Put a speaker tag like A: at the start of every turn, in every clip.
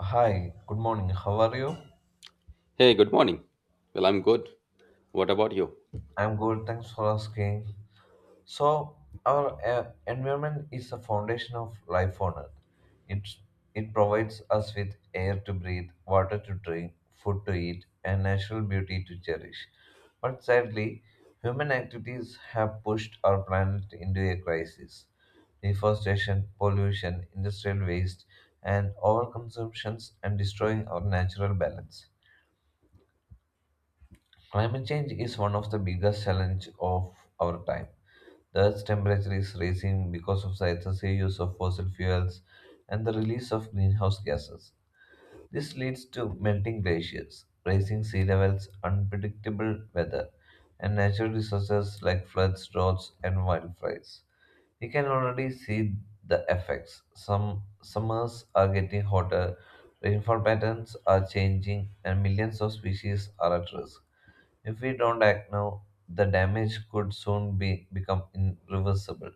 A: Hi, good morning. How are you?
B: Hey, good morning. Well, I'm good. What about you?
A: I'm good. Thanks for asking. So, our environment is the foundation of life on Earth. It it provides us with air to breathe, water to drink, food to eat, and natural beauty to cherish. But sadly, human activities have pushed our planet into a crisis. Deforestation, pollution, industrial waste, and overconsumptions and destroying our natural balance. Climate change is one of the biggest challenges of our time. The Earth's temperature is rising because of the excessive use of fossil fuels and the release of greenhouse gases. This leads to melting glaciers, rising sea levels, unpredictable weather, and natural disasters like floods, droughts, and wildfires. We can already see the effects. Some summers are getting hotter, rainfall patterns are changing, and millions of species are at risk. If we don't act now, the damage could soon be become irreversible.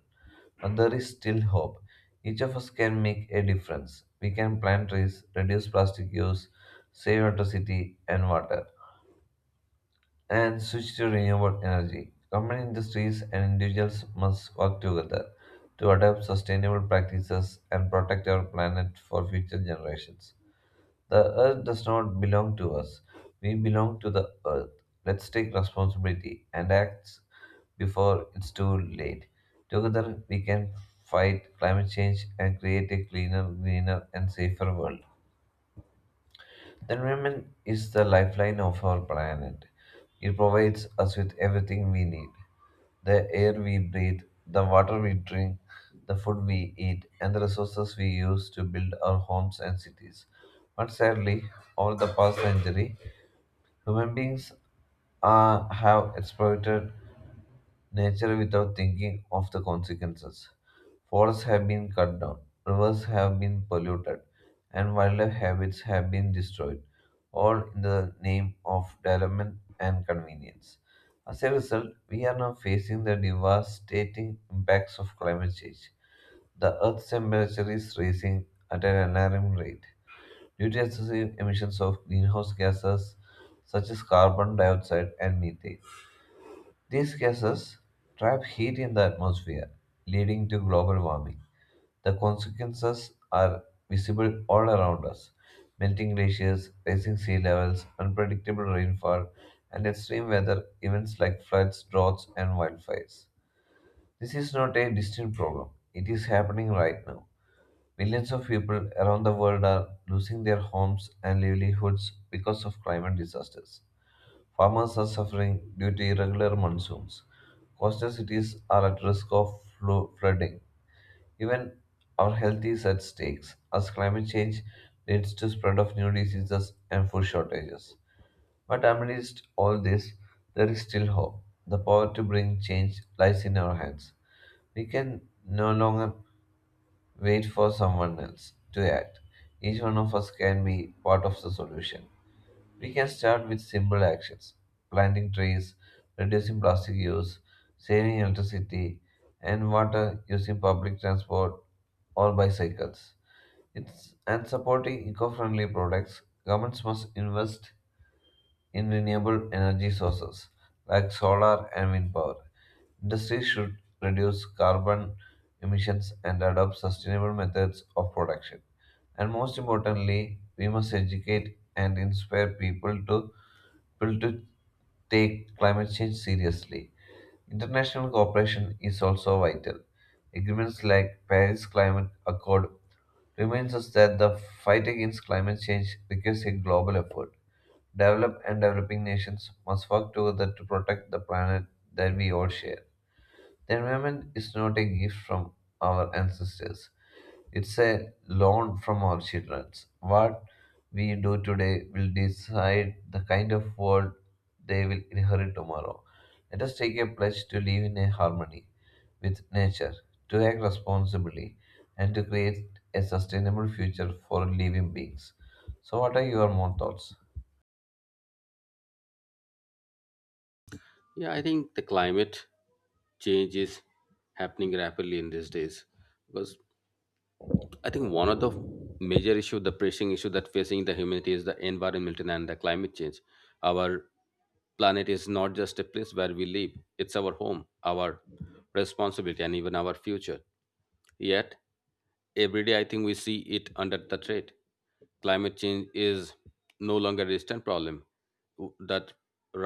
A: But there is still hope. Each of us can make a difference. We can plant trees, reduce plastic use, save electricity and water, and switch to renewable energy. Company industries and individuals must work together to adopt sustainable practices and protect our planet for future generations. The earth does not belong to us. We belong to the earth. Let's take responsibility and act before it's too late. Together, we can fight climate change and create a cleaner, greener, and safer world. The environment is the lifeline of our planet. It provides us with everything we need, the air we breathe, the water we drink, the food we eat, and the resources we use to build our homes and cities. But sadly, over the past century, human beings have exploited nature without thinking of the consequences. Forests have been cut down, rivers have been polluted, and wildlife habits have been destroyed, all in the name of development and convenience. As a result, we are now facing the devastating impacts of climate change. The Earth's temperature is rising at an alarming rate due to excessive emissions of greenhouse gases such as carbon dioxide and methane. These gases trap heat in the atmosphere, leading to global warming. The consequences are visible all around us: melting glaciers, rising sea levels, unpredictable rainfall, and extreme weather events like floods, droughts, and wildfires. This is not a distant problem, it is happening right now. Millions of people around the world are losing their homes and livelihoods because of climate disasters. Farmers are suffering due to irregular monsoons. Coastal cities are at risk of flooding. Even our health is at stakes as climate change leads to spread of new diseases and food shortages. But amidst all this, there is still hope. The power to bring change lies in our hands. We can no longer wait for someone else to act. Each one of us can be part of the solution. We can start with simple actions: planting trees, reducing plastic use, saving electricity and water, using public transport or bicycles. And supporting eco friendly products, governments must invest in renewable energy sources like solar and wind power. Industries should reduce carbon emissions and adopt sustainable methods of production. And most importantly, we must educate and inspire people to take climate change seriously. International cooperation is also vital. Agreements like Paris Climate Accord reminds us that the fight against climate change requires a global effort. Developed and developing nations must work together to protect the planet that we all share. The environment is not a gift from our ancestors, it's a loan from our children. What we do today will decide the kind of world they will inherit tomorrow. Let us take a pledge to live in a harmony with nature, to act responsibly, and to create a sustainable future for living beings. So, what are your more thoughts?
B: Yeah, I think the climate change is happening rapidly in these days because I think one of the major issue, the pressing issue that facing the humanity is the environment and the climate change. Our planet is not just a place where we live; it's our home, our responsibility, and even our future. Yet, every day I think we see it under the threat. Climate change is no longer a distant problem. That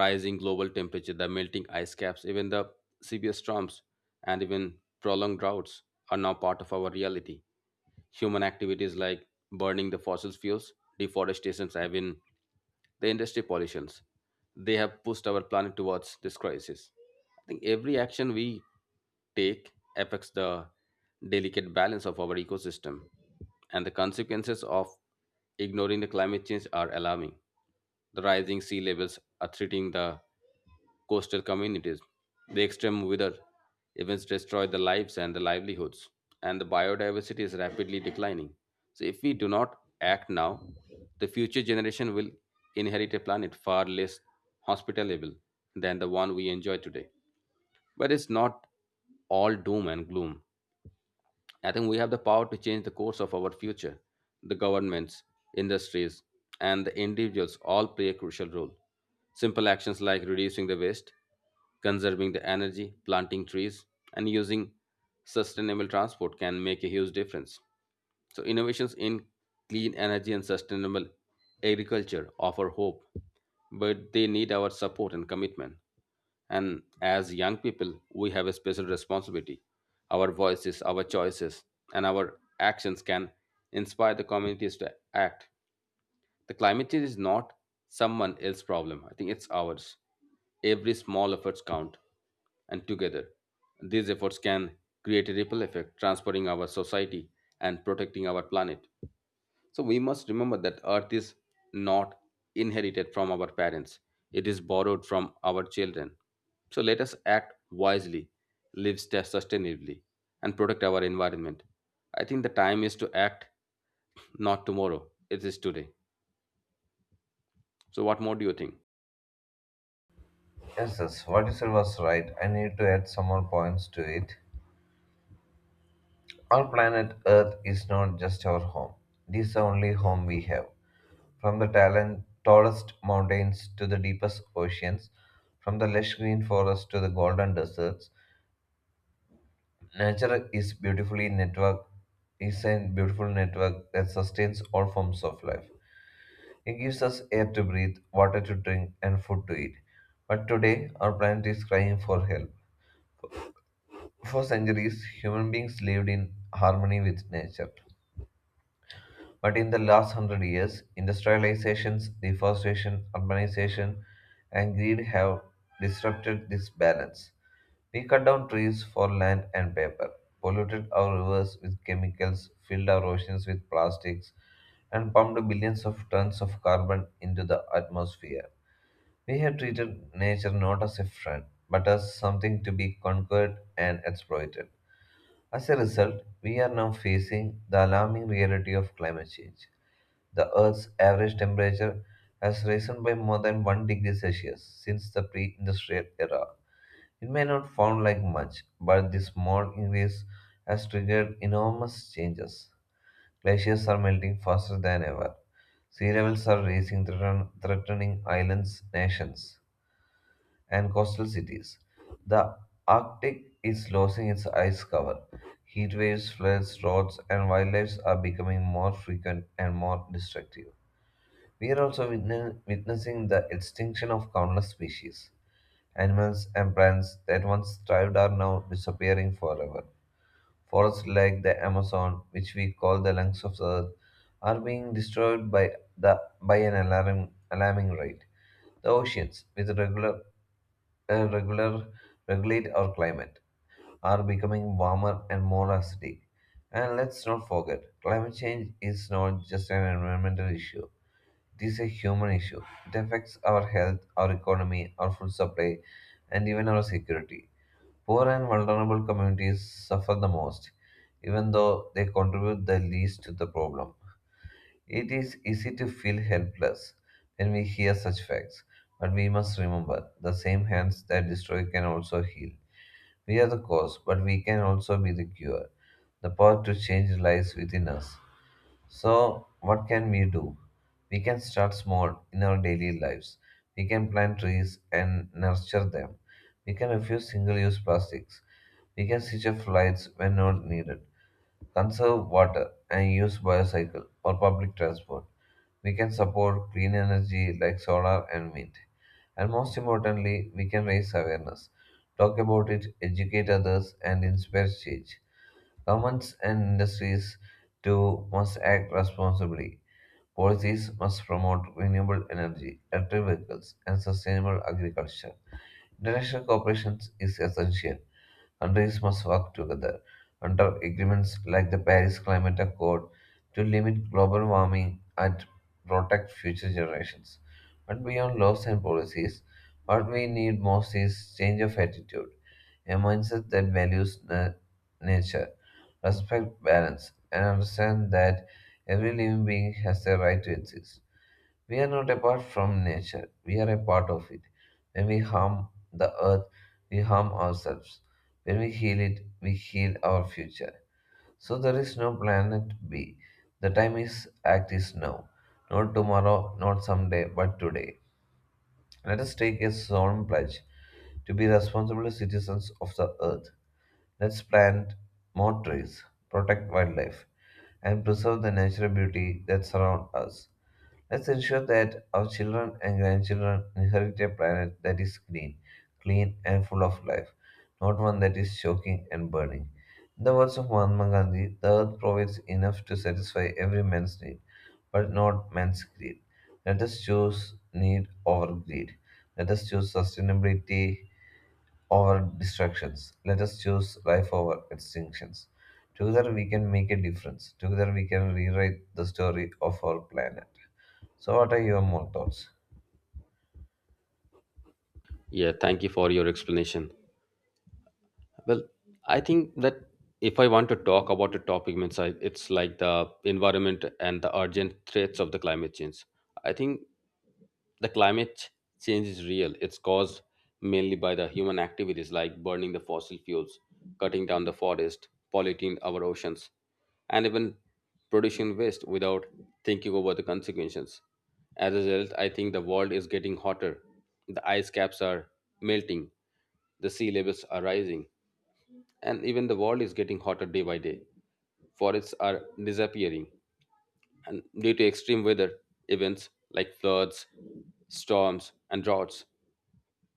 B: rising global temperature, the melting ice caps, even the severe storms, and even prolonged droughts are now part of our reality. Human activities like burning the fossil fuels, deforestation, have been the industry pollutions. They have pushed our planet towards this crisis. I think every action we take affects the delicate balance of our ecosystem, and the consequences of ignoring the climate change are alarming. The rising sea levels are threatening the coastal communities. The extreme weather events destroy the lives and the livelihoods, and the biodiversity is rapidly declining. So if we do not act now, the future generation will inherit a planet far less hospitable than the one we enjoy today. But it's not all doom and gloom. I think we have the power to change the course of our future. The governments, industries, and the individuals all play a crucial role. Simple actions like reducing the waste, conserving the energy, planting trees, and using sustainable transport can make a huge difference. So, innovations in clean energy and sustainable agriculture offer hope, but they need our support and commitment. And as young people, we have a special responsibility. Our voices, our choices, and our actions can inspire the communities to act. The climate change is not someone else's problem. I think it's ours. Every small efforts count, and together, these efforts can create a ripple effect, transforming our society and protecting our planet. So we must remember that Earth is not inherited from our parents; it is borrowed from our children. So let us act wisely, live sustainably, and protect our environment. I think the time is to act not tomorrow, it is today. So, what more do you think?
A: Yes, yes, what you said was right. I need to add some more points to it. Our planet Earth is not just our home, it is the only home we have. From the tallest mountains to the deepest oceans, from the lush green forests to the golden deserts, nature is a beautiful network that sustains all forms of life. It gives us air to breathe, water to drink, and food to eat. But today, our planet is crying for help. For centuries, human beings lived in harmony with nature. But in the last 100 years, industrialization, deforestation, urbanization, and greed have disrupted this balance. We cut down trees for land and paper, polluted our rivers with chemicals, filled our oceans with plastics, and pumped billions of tons of carbon into the atmosphere. We have treated nature not as a friend, but as something to be conquered and exploited. As a result, we are now facing the alarming reality of climate change. The Earth's average temperature has risen by more than 1 degree Celsius since the pre industrial era. It may not sound like much, but this small increase has triggered enormous changes. Glaciers are melting faster than ever. Sea levels are rising, threatening islands, nations and coastal cities. The Arctic is losing its ice cover. Heat waves, floods, droughts, and wildlife are becoming more frequent and more destructive. We are also witnessing the extinction of countless species. Animals and plants that once thrived are now disappearing forever. Forests like the Amazon, which we call the lungs of the earth, are being destroyed by an alarming rate. The oceans, with regular and regular regulate our climate, are becoming warmer and more acidic. And let's not forget, climate change is not just an environmental issue, it is a human issue. It affects our health, our economy, our food supply, and even our security. Poor and vulnerable communities suffer the most, even though they contribute the least to the problem. It is easy to feel helpless when we hear such facts, but we must remember the same hands that destroy can also heal. We are the cause, but we can also be the cure. The power to change lies within us. So, what can we do? We can start small in our daily lives. We can plant trees and nurture them. We can refuse single use plastics. We can switch off lights when not needed. Conserve water and use bicycle or public transport. We can support clean energy like solar and wind. And most importantly, we can raise awareness, talk about it, educate others, and inspire change. Governments and industries too must act responsibly. Policies must promote renewable energy, electric vehicles, and sustainable agriculture. International cooperation is essential. Countries must work together under agreements like the Paris Climate Accord to limit global warming and protect future generations. But beyond laws and policies, what we need most is change of attitude, a mindset that values nature, respect balance, and understand that every living being has the right to exist. We are not apart from nature, we are a part of it. When we harm the earth, we harm ourselves. When we heal it, we heal our future. So there is no planet B. The time is act is now. Not tomorrow, not someday, but today. Let us take a solemn pledge to be responsible citizens of the earth. Let's plant more trees, protect wildlife, and preserve the natural beauty that surround us. Let's ensure that our children and grandchildren inherit a planet that is green, clean, and full of life, not one that is choking and burning. In the words of Mahatma Gandhi, the earth provides enough to satisfy every man's need, but not man's greed. Let us choose need over greed. Let us choose sustainability over distractions. Let us choose life over extinctions. Together we can make a difference. Together we can rewrite the story of our planet. So, what are your more thoughts?
B: Yeah, thank you for your explanation. Well, I think that if I want to talk about a topic, means I, it's like the environment and the urgent threats of the climate change. I think the climate change is real. It's caused mainly by the human activities like burning the fossil fuels, cutting down the forest, polluting our oceans, and even producing waste without thinking over the consequences. As a result, I think the world is getting hotter. The ice caps are melting, the sea levels are rising, and even the world is getting hotter day by day. Forests are disappearing, and due to extreme weather events like floods, storms, and droughts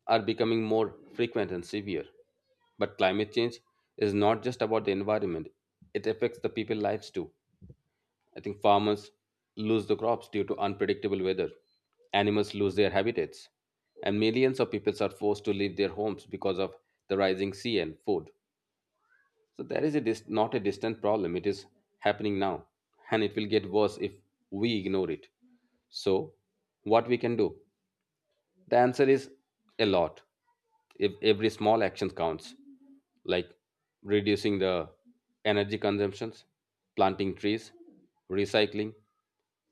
B: are becoming more frequent and severe. But climate change is not just about the environment, it affects the people's lives too. I think farmers lose the crops due to unpredictable weather, animals lose their habitats, and millions of people are forced to leave their homes because of the rising sea and food. So there is a not a distant problem. It is happening now, and it will get worse if we ignore it. So, what we can do? The answer is a lot. If every small action counts, like reducing the energy consumptions, planting trees, recycling,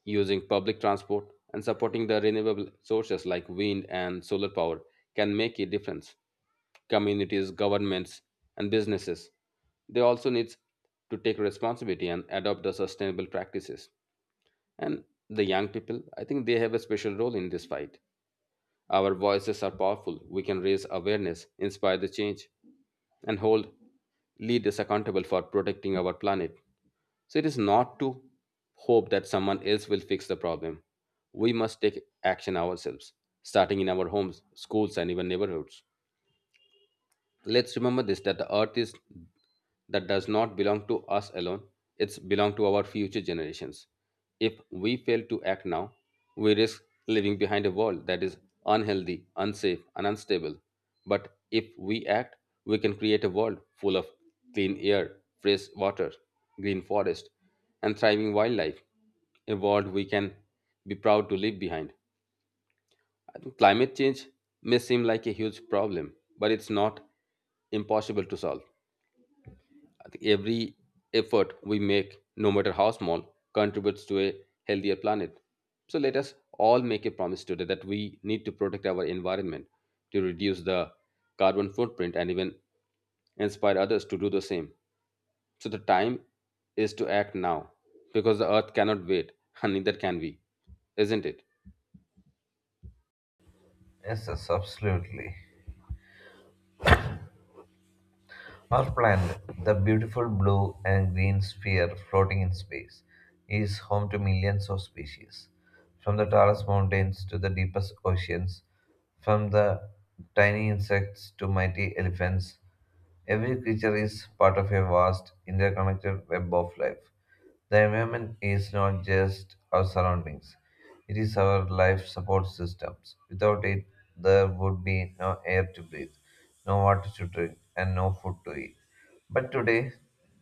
B: using public transport, and supporting the renewable sources like wind and solar power can make a difference communities, governments, and businesses. They also need to take responsibility and adopt the sustainable practices. And the young people, I think they have a special role in this fight. Our voices are powerful. We can raise awareness, inspire the change, and hold leaders accountable for protecting our planet. So it is not to hope that someone else will fix the problem. We must take action ourselves, starting in our homes, schools, and even neighborhoods. Let's remember this that the earth is that does not belong to us alone, it's belong to our future generations. If we fail to act now, we risk leaving behind a world that is unhealthy, unsafe, and unstable. But if we act, we can create a world full of clean air, fresh water, green forest, and thriving wildlife, a world we can be proud to leave behind. And climate change may seem like a huge problem, but it's not impossible to solve. I think every effort we make, no matter how small, contributes to a healthier planet. So let us all make a promise today that we need to protect our environment to reduce the carbon footprint and even inspire others to do the same. So the time is to act now because the earth cannot wait and neither can we, isn't it?
A: Yes, yes, absolutely. Our planet, the beautiful blue and green sphere floating in space, is home to millions of species. From the tallest mountains to the deepest oceans, from the tiny insects to mighty elephants, every creature is part of a vast, interconnected web of life. The environment is not just our surroundings, it is our life support systems. Without it, there would be no air to breathe, no water to drink, and no food to eat. But today,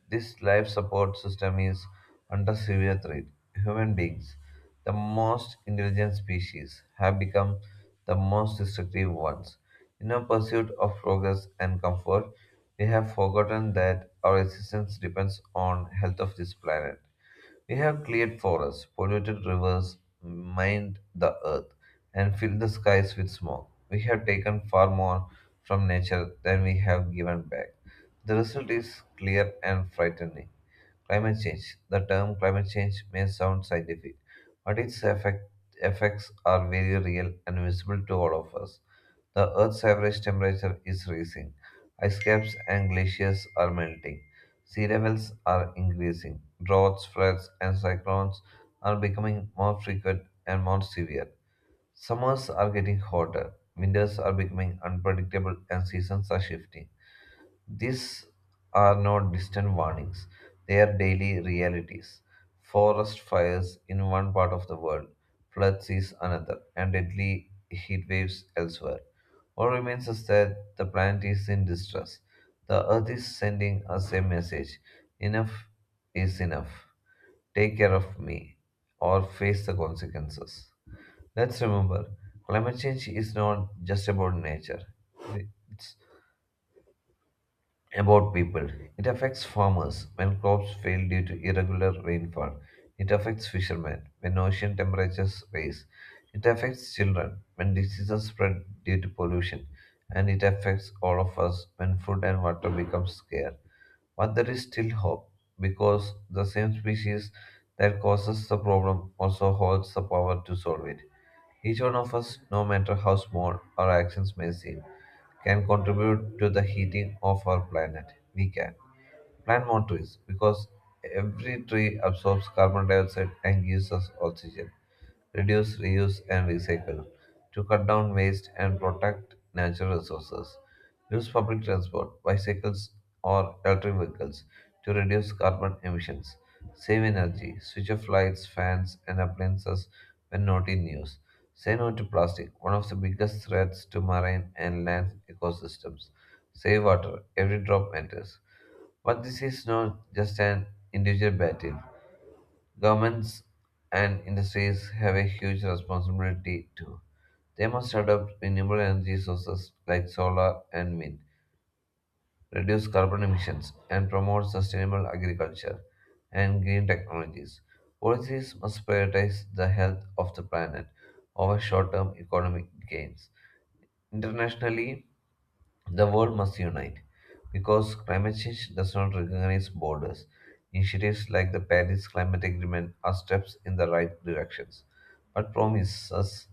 A: this life support system is under severe threat. Human beings, the most intelligent species, have become the most destructive ones. In our pursuit of progress and comfort, we have forgotten that our existence depends on health of this planet. We have cleared forests, polluted rivers, mined the earth, and filled the skies with smoke. We have taken far more from nature than we have given back. The result is clear and frightening. Climate change. The term climate change may sound scientific, but its effects are very real and visible to all of us. The Earth's average temperature is rising. Ice caps and glaciers are melting. Sea levels are increasing. Droughts, floods, and cyclones are becoming more frequent and more severe. Summers are getting hotter. Winters are becoming unpredictable, and seasons are shifting. These are not distant warnings, they are daily realities. Forest fires in one part of the world, floods is another, and deadly heat waves elsewhere. What remains is that the planet is in distress. The earth is sending us a message enough is enough. Take care of me or face the consequences. Let's remember climate change is not just about nature, it's about people. It affects farmers when crops fail due to irregular rainfall. It affects fishermen when ocean temperatures rise. It affects children when diseases spread due to pollution. And it affects all of us when food and water become scarce. But there is still hope because the same species that causes the problem also holds the power to solve it. Each one of us, no matter how small our actions may seem, can contribute to the heating of our planet? We can. Plant more trees because every tree absorbs carbon dioxide and gives us oxygen. Reduce, reuse, and recycle to cut down waste and protect natural resources. Use public transport, bicycles, or electric vehicles to reduce carbon emissions. Save energy. Switch off lights, fans, and appliances when not in use. Say no to plastic, one of the biggest threats to marine and land ecosystems. Save water. Every drop matters. But this is not just an individual battle. Governments and industries have a huge responsibility too. They must adopt renewable energy sources like solar and wind, reduce carbon emissions, and promote sustainable agriculture and green technologies. Policies must prioritize the health of the planet over short term economic gains. Internationally, the world must unite because climate change does not recognize borders. Initiatives like the Paris Climate Agreement are steps in the right directions, but promise us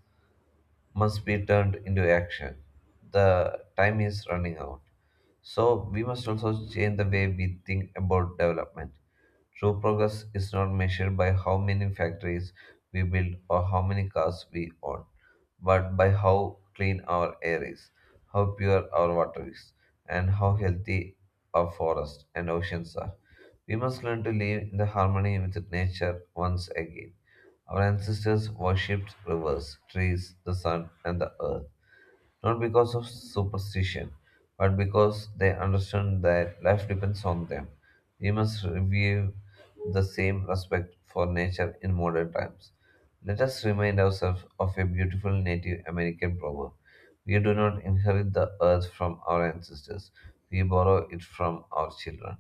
A: must be turned into action. The time is running out. So we must also change the way we think about development. True progress is not measured by how many factories we build or how many cars we own, but by how clean our air is, how pure our water is, and how healthy our forests and oceans are. We must learn to live in the harmony with nature once again. Our ancestors worshipped rivers, trees, the sun, and the earth, not because of superstition, but because they understood that life depends on them. We must review the same respect for nature in modern times. Let us remind ourselves of a beautiful Native American proverb. We do not inherit the earth from our ancestors, we borrow it from our children.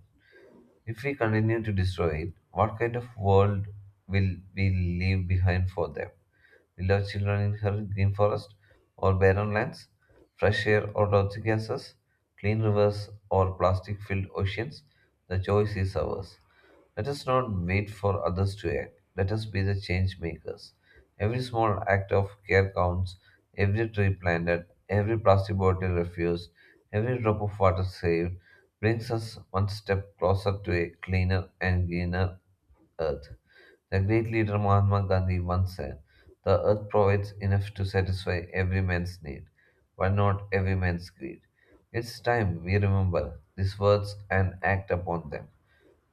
A: If we continue to destroy it, what kind of world will we leave behind for them? Will our children inherit green forest or barren lands, fresh air or toxic gases, clean rivers or plastic filled oceans? The choice is ours. Let us not wait for others to act. Let us be the change makers. Every small act of care counts, every tree planted, every plastic bottle refused, every drop of water saved brings us one step closer to a cleaner and greener earth. The great leader Mahatma Gandhi once said, the earth provides enough to satisfy every man's need, but not every man's greed. It's time we remember these words and act upon them.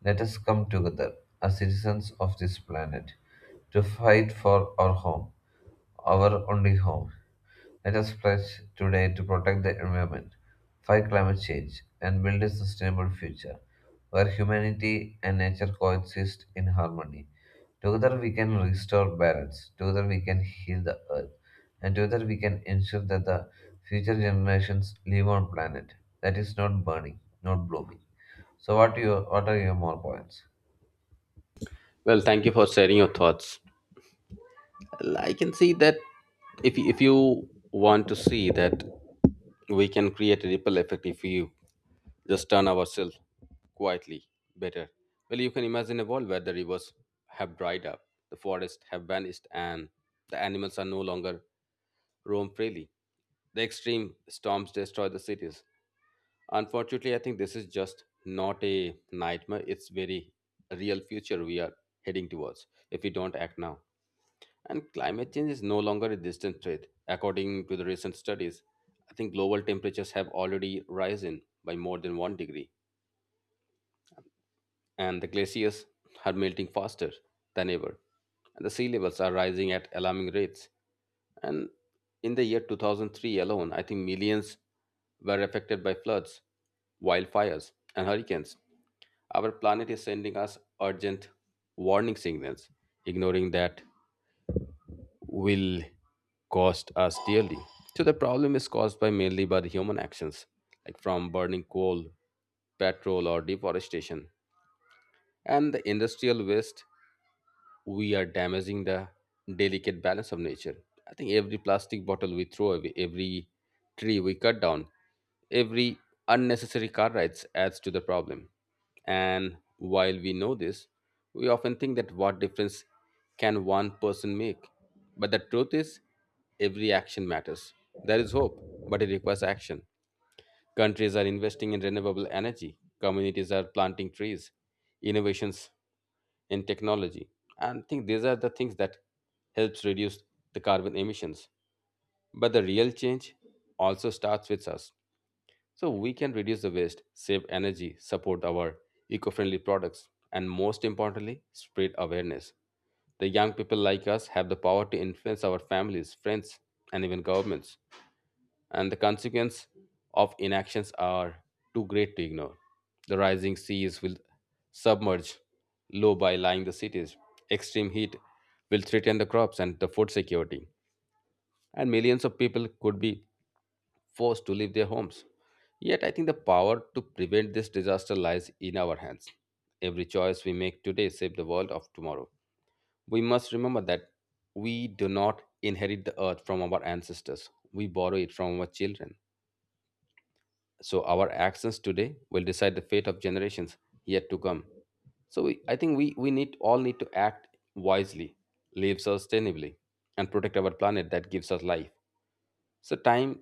A: Let us come together as citizens of this planet to fight for our home, our only home. Let us pledge today to protect the environment, fight climate change, and build a sustainable future where humanity and nature coexist in harmony. Together we can restore balance, together we can heal the earth, and together we can ensure that the future generations live on a planet that is not burning, not blooming. So what are your more points?
B: Well, thank you for sharing your thoughts. Well, I can see that if you want to see that we can create a ripple effect if we just turn ourselves quietly better. Well, you can imagine a world where the rivers have dried up, the forests have vanished, and the animals are no longer roam freely. The extreme storms destroy the cities. Unfortunately, I think this is just not a nightmare. It's very real future we are heading towards if we don't act now. And climate change is no longer a distant threat. According to the recent studies, I think global temperatures have already risen by more than one degree, and the glaciers are melting faster than ever. And the sea levels are rising at alarming rates. And in the year 2003 alone, I think millions were affected by floods, wildfires, and hurricanes. Our planet is sending us urgent warning signals. Ignoring that will cost us dearly. So the problem is caused by mainly by the human actions, like from burning coal, petrol, or deforestation, and the industrial waste we are damaging the delicate balance of nature. I think every plastic bottle we throw away, every tree we cut down, every unnecessary car rides adds to the problem. And while we know this, we often think that what difference can one person make? But the truth is, every action matters. There is hope, but it requires action. Countries are investing in renewable energy, communities are planting trees, innovations in technology and I think these are the things that helps reduce the carbon emissions, but the real change also starts with us. So we can reduce the waste, save energy, support our eco-friendly products, and most importantly spread awareness. The young people like us have the power to influence our families, friends, and even governments, and the consequence of inactions are too great to ignore. The rising seas will submerge low by lying the cities. Extreme heat will threaten the crops and the food security, and millions of people could be forced to leave their homes. Yet, I think the power to prevent this disaster lies in our hands. Every choice we make today saves the world of tomorrow. We must remember that we do not inherit the earth from our ancestors, we borrow it from our children. So our actions today will decide the fate of generations yet to come. So we, I think we need all need to act wisely, live sustainably, and protect our planet that gives us life. So time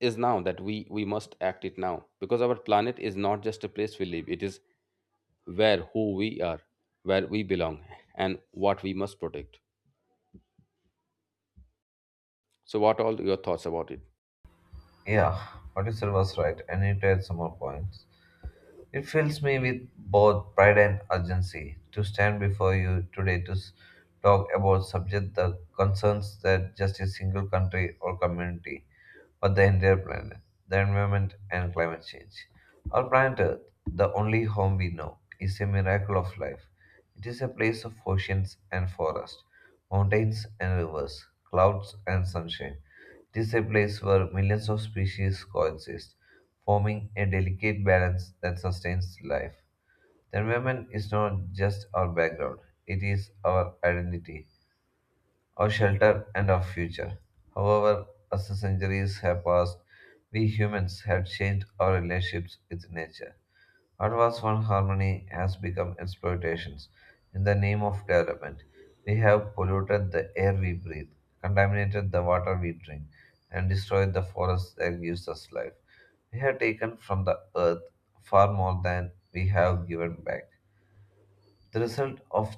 B: is now that we must act it now because our planet is not just a place we live, it is where who we are, where we belong, and what we must protect. So what all your thoughts about it?
A: Yeah, what you said was right. I need to add some more points. It fills me with both pride and urgency to stand before you today to talk about subject that concerns that just a single country or community, but the entire planet, the environment and climate change. Our planet Earth, the only home we know, is a miracle of life. It is a place of oceans and forest, mountains and rivers, clouds and sunshine. It is a place where millions of species coexist forming a delicate balance that sustains life. The environment is not just our background, it is our identity, our shelter, and our future. However, as the centuries have passed, we humans have changed our relationships with nature. What was one harmony has become exploitations in the name of development. We have polluted the air we breathe, contaminated the water we drink, and destroyed the forest that gives us life. We have taken from the earth far more than we have given back. The result of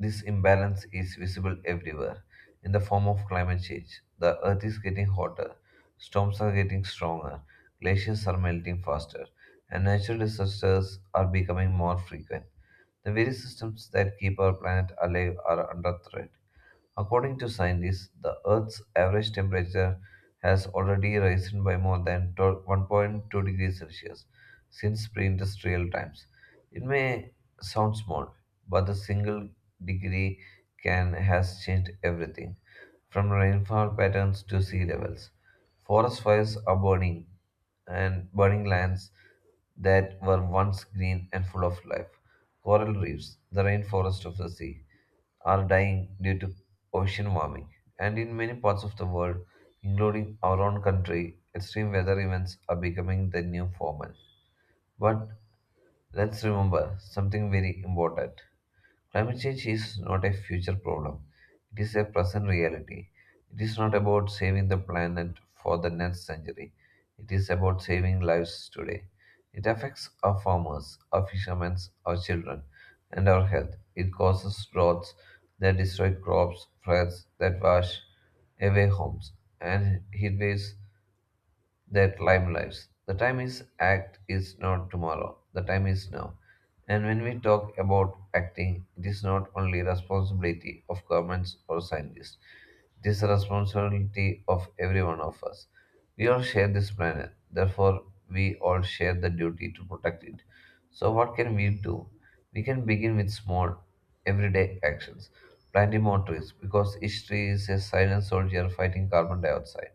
A: this imbalance is visible everywhere in the form of climate change. The earth is getting hotter, storms are getting stronger, glaciers are melting faster, and natural disasters are becoming more frequent. The very systems that keep our planet alive are under threat. According to scientists, the Earth's average temperature has already risen by more than 12 1.2 degrees Celsius since pre industrial times. It may sound small, but a single degree can has changed everything from rainfall patterns to sea levels. Forest fires are burning and burning lands that were once green and full of life. Coral reefs, the rainforest of the sea are dying due to ocean warming, and in many parts of the world, including our own country, extreme weather events are becoming the new formal. But let's remember something very important. Climate change is not a future problem, it is a present reality. It is not about saving the planet for the next century, it is about saving lives today. It affects our farmers, our fishermen, our children, and our health. It causes droughts that destroy crops, floods that wash away homes, and heat waves that time lives. The time is act is not tomorrow. The time is now. And when we talk about acting, it is not only responsibility of governments or scientists. It is the responsibility of every one of us. We all share this planet, therefore we all share the duty to protect it. So what can we do? We can begin with small, everyday actions. Planting more trees because each tree is a silent soldier fighting carbon dioxide,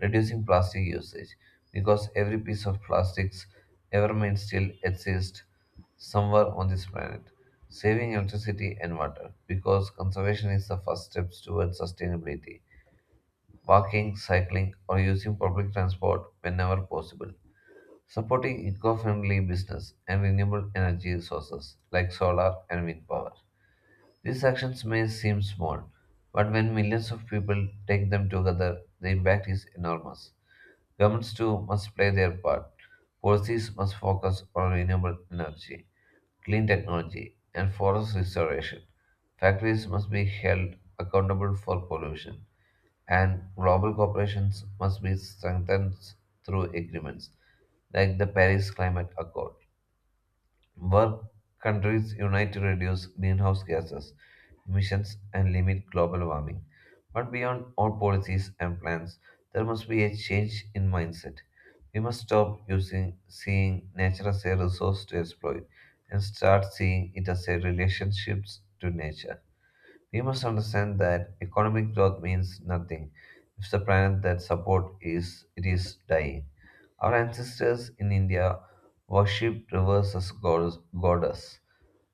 A: reducing plastic usage because every piece of plastics ever made still exists somewhere on this planet. Saving electricity and water because conservation is the first steps towards sustainability. Walking, cycling, or using public transport whenever possible. Supporting eco friendly business and renewable energy sources like solar and wind power. These actions may seem small, but when millions of people take them together, the impact is enormous. Governments too must play their part. Policies must focus on renewable energy, clean technology, and forest restoration. Factories must be held accountable for pollution, and global cooperations must be strengthened through agreements like the Paris Climate Accord. Work countries unite to reduce greenhouse gases emissions and limit global warming. But beyond all policies and plans, there must be a change in mindset. We must stop using seeing nature as a resource to exploit and start seeing it as a relationship to nature. We must understand that economic growth means nothing if the planet that support is it is dying. Our ancestors in India worshipped rivers as gods,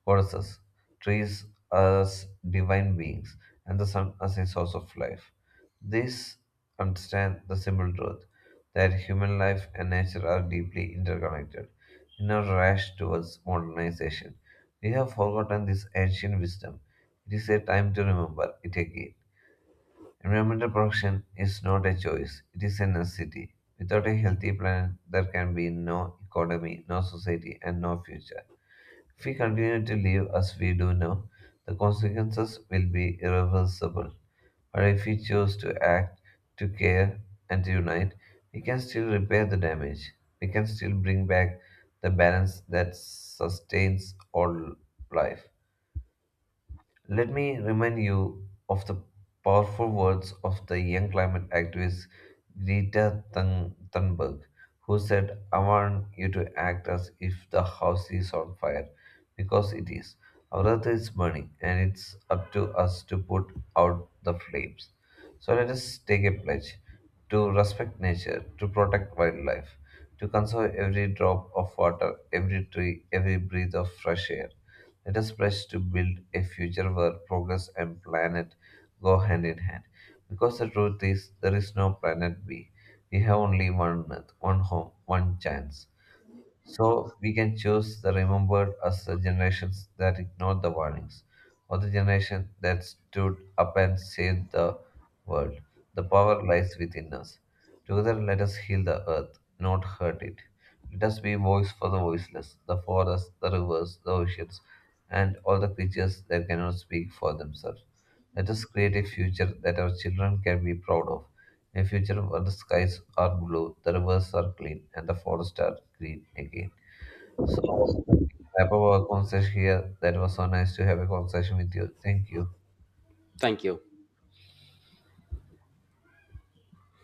A: goddesses, trees as divine beings, and the sun as a source of life. This understand the simple truth that human life and nature are deeply interconnected. In our rush towards modernization, we have forgotten this ancient wisdom. It is a time to remember it again. Environmental protection is not a choice, it is a necessity. Without a healthy planet, there can be no economy, no society, and no future. If we continue to live as we do now, the consequences will be irreversible. But if we choose to act, to care, and to unite, we can still repair the damage. We can still bring back the balance that sustains all life. Let me remind you of the powerful words of the young climate activist Greta Thunberg, who said, I want you to act as if the house is on fire, because it is. Our earth is burning, and it's up to us to put out the flames. So let us take a pledge to respect nature, to protect wildlife, to conserve every drop of water, every tree, every breath of fresh air. Let us press to build a future where progress and planet go hand in hand. Because the truth is, there is no planet B. We have only one Earth, one home, one chance. So we can choose the remembered as the generations that ignored the warnings, or the generation that stood up and saved the world. The power lies within us. Together, let us heal the earth, not hurt it. Let us be voice for the voiceless, the forests, the rivers, the oceans, and all the creatures that cannot speak for themselves. Let us create a future that our children can be proud of, a future where the skies are blue, the rivers are clean, and the forests are green again. So, wrap up our conversation here. That was so nice to have a conversation with you. Thank you.
B: Thank you.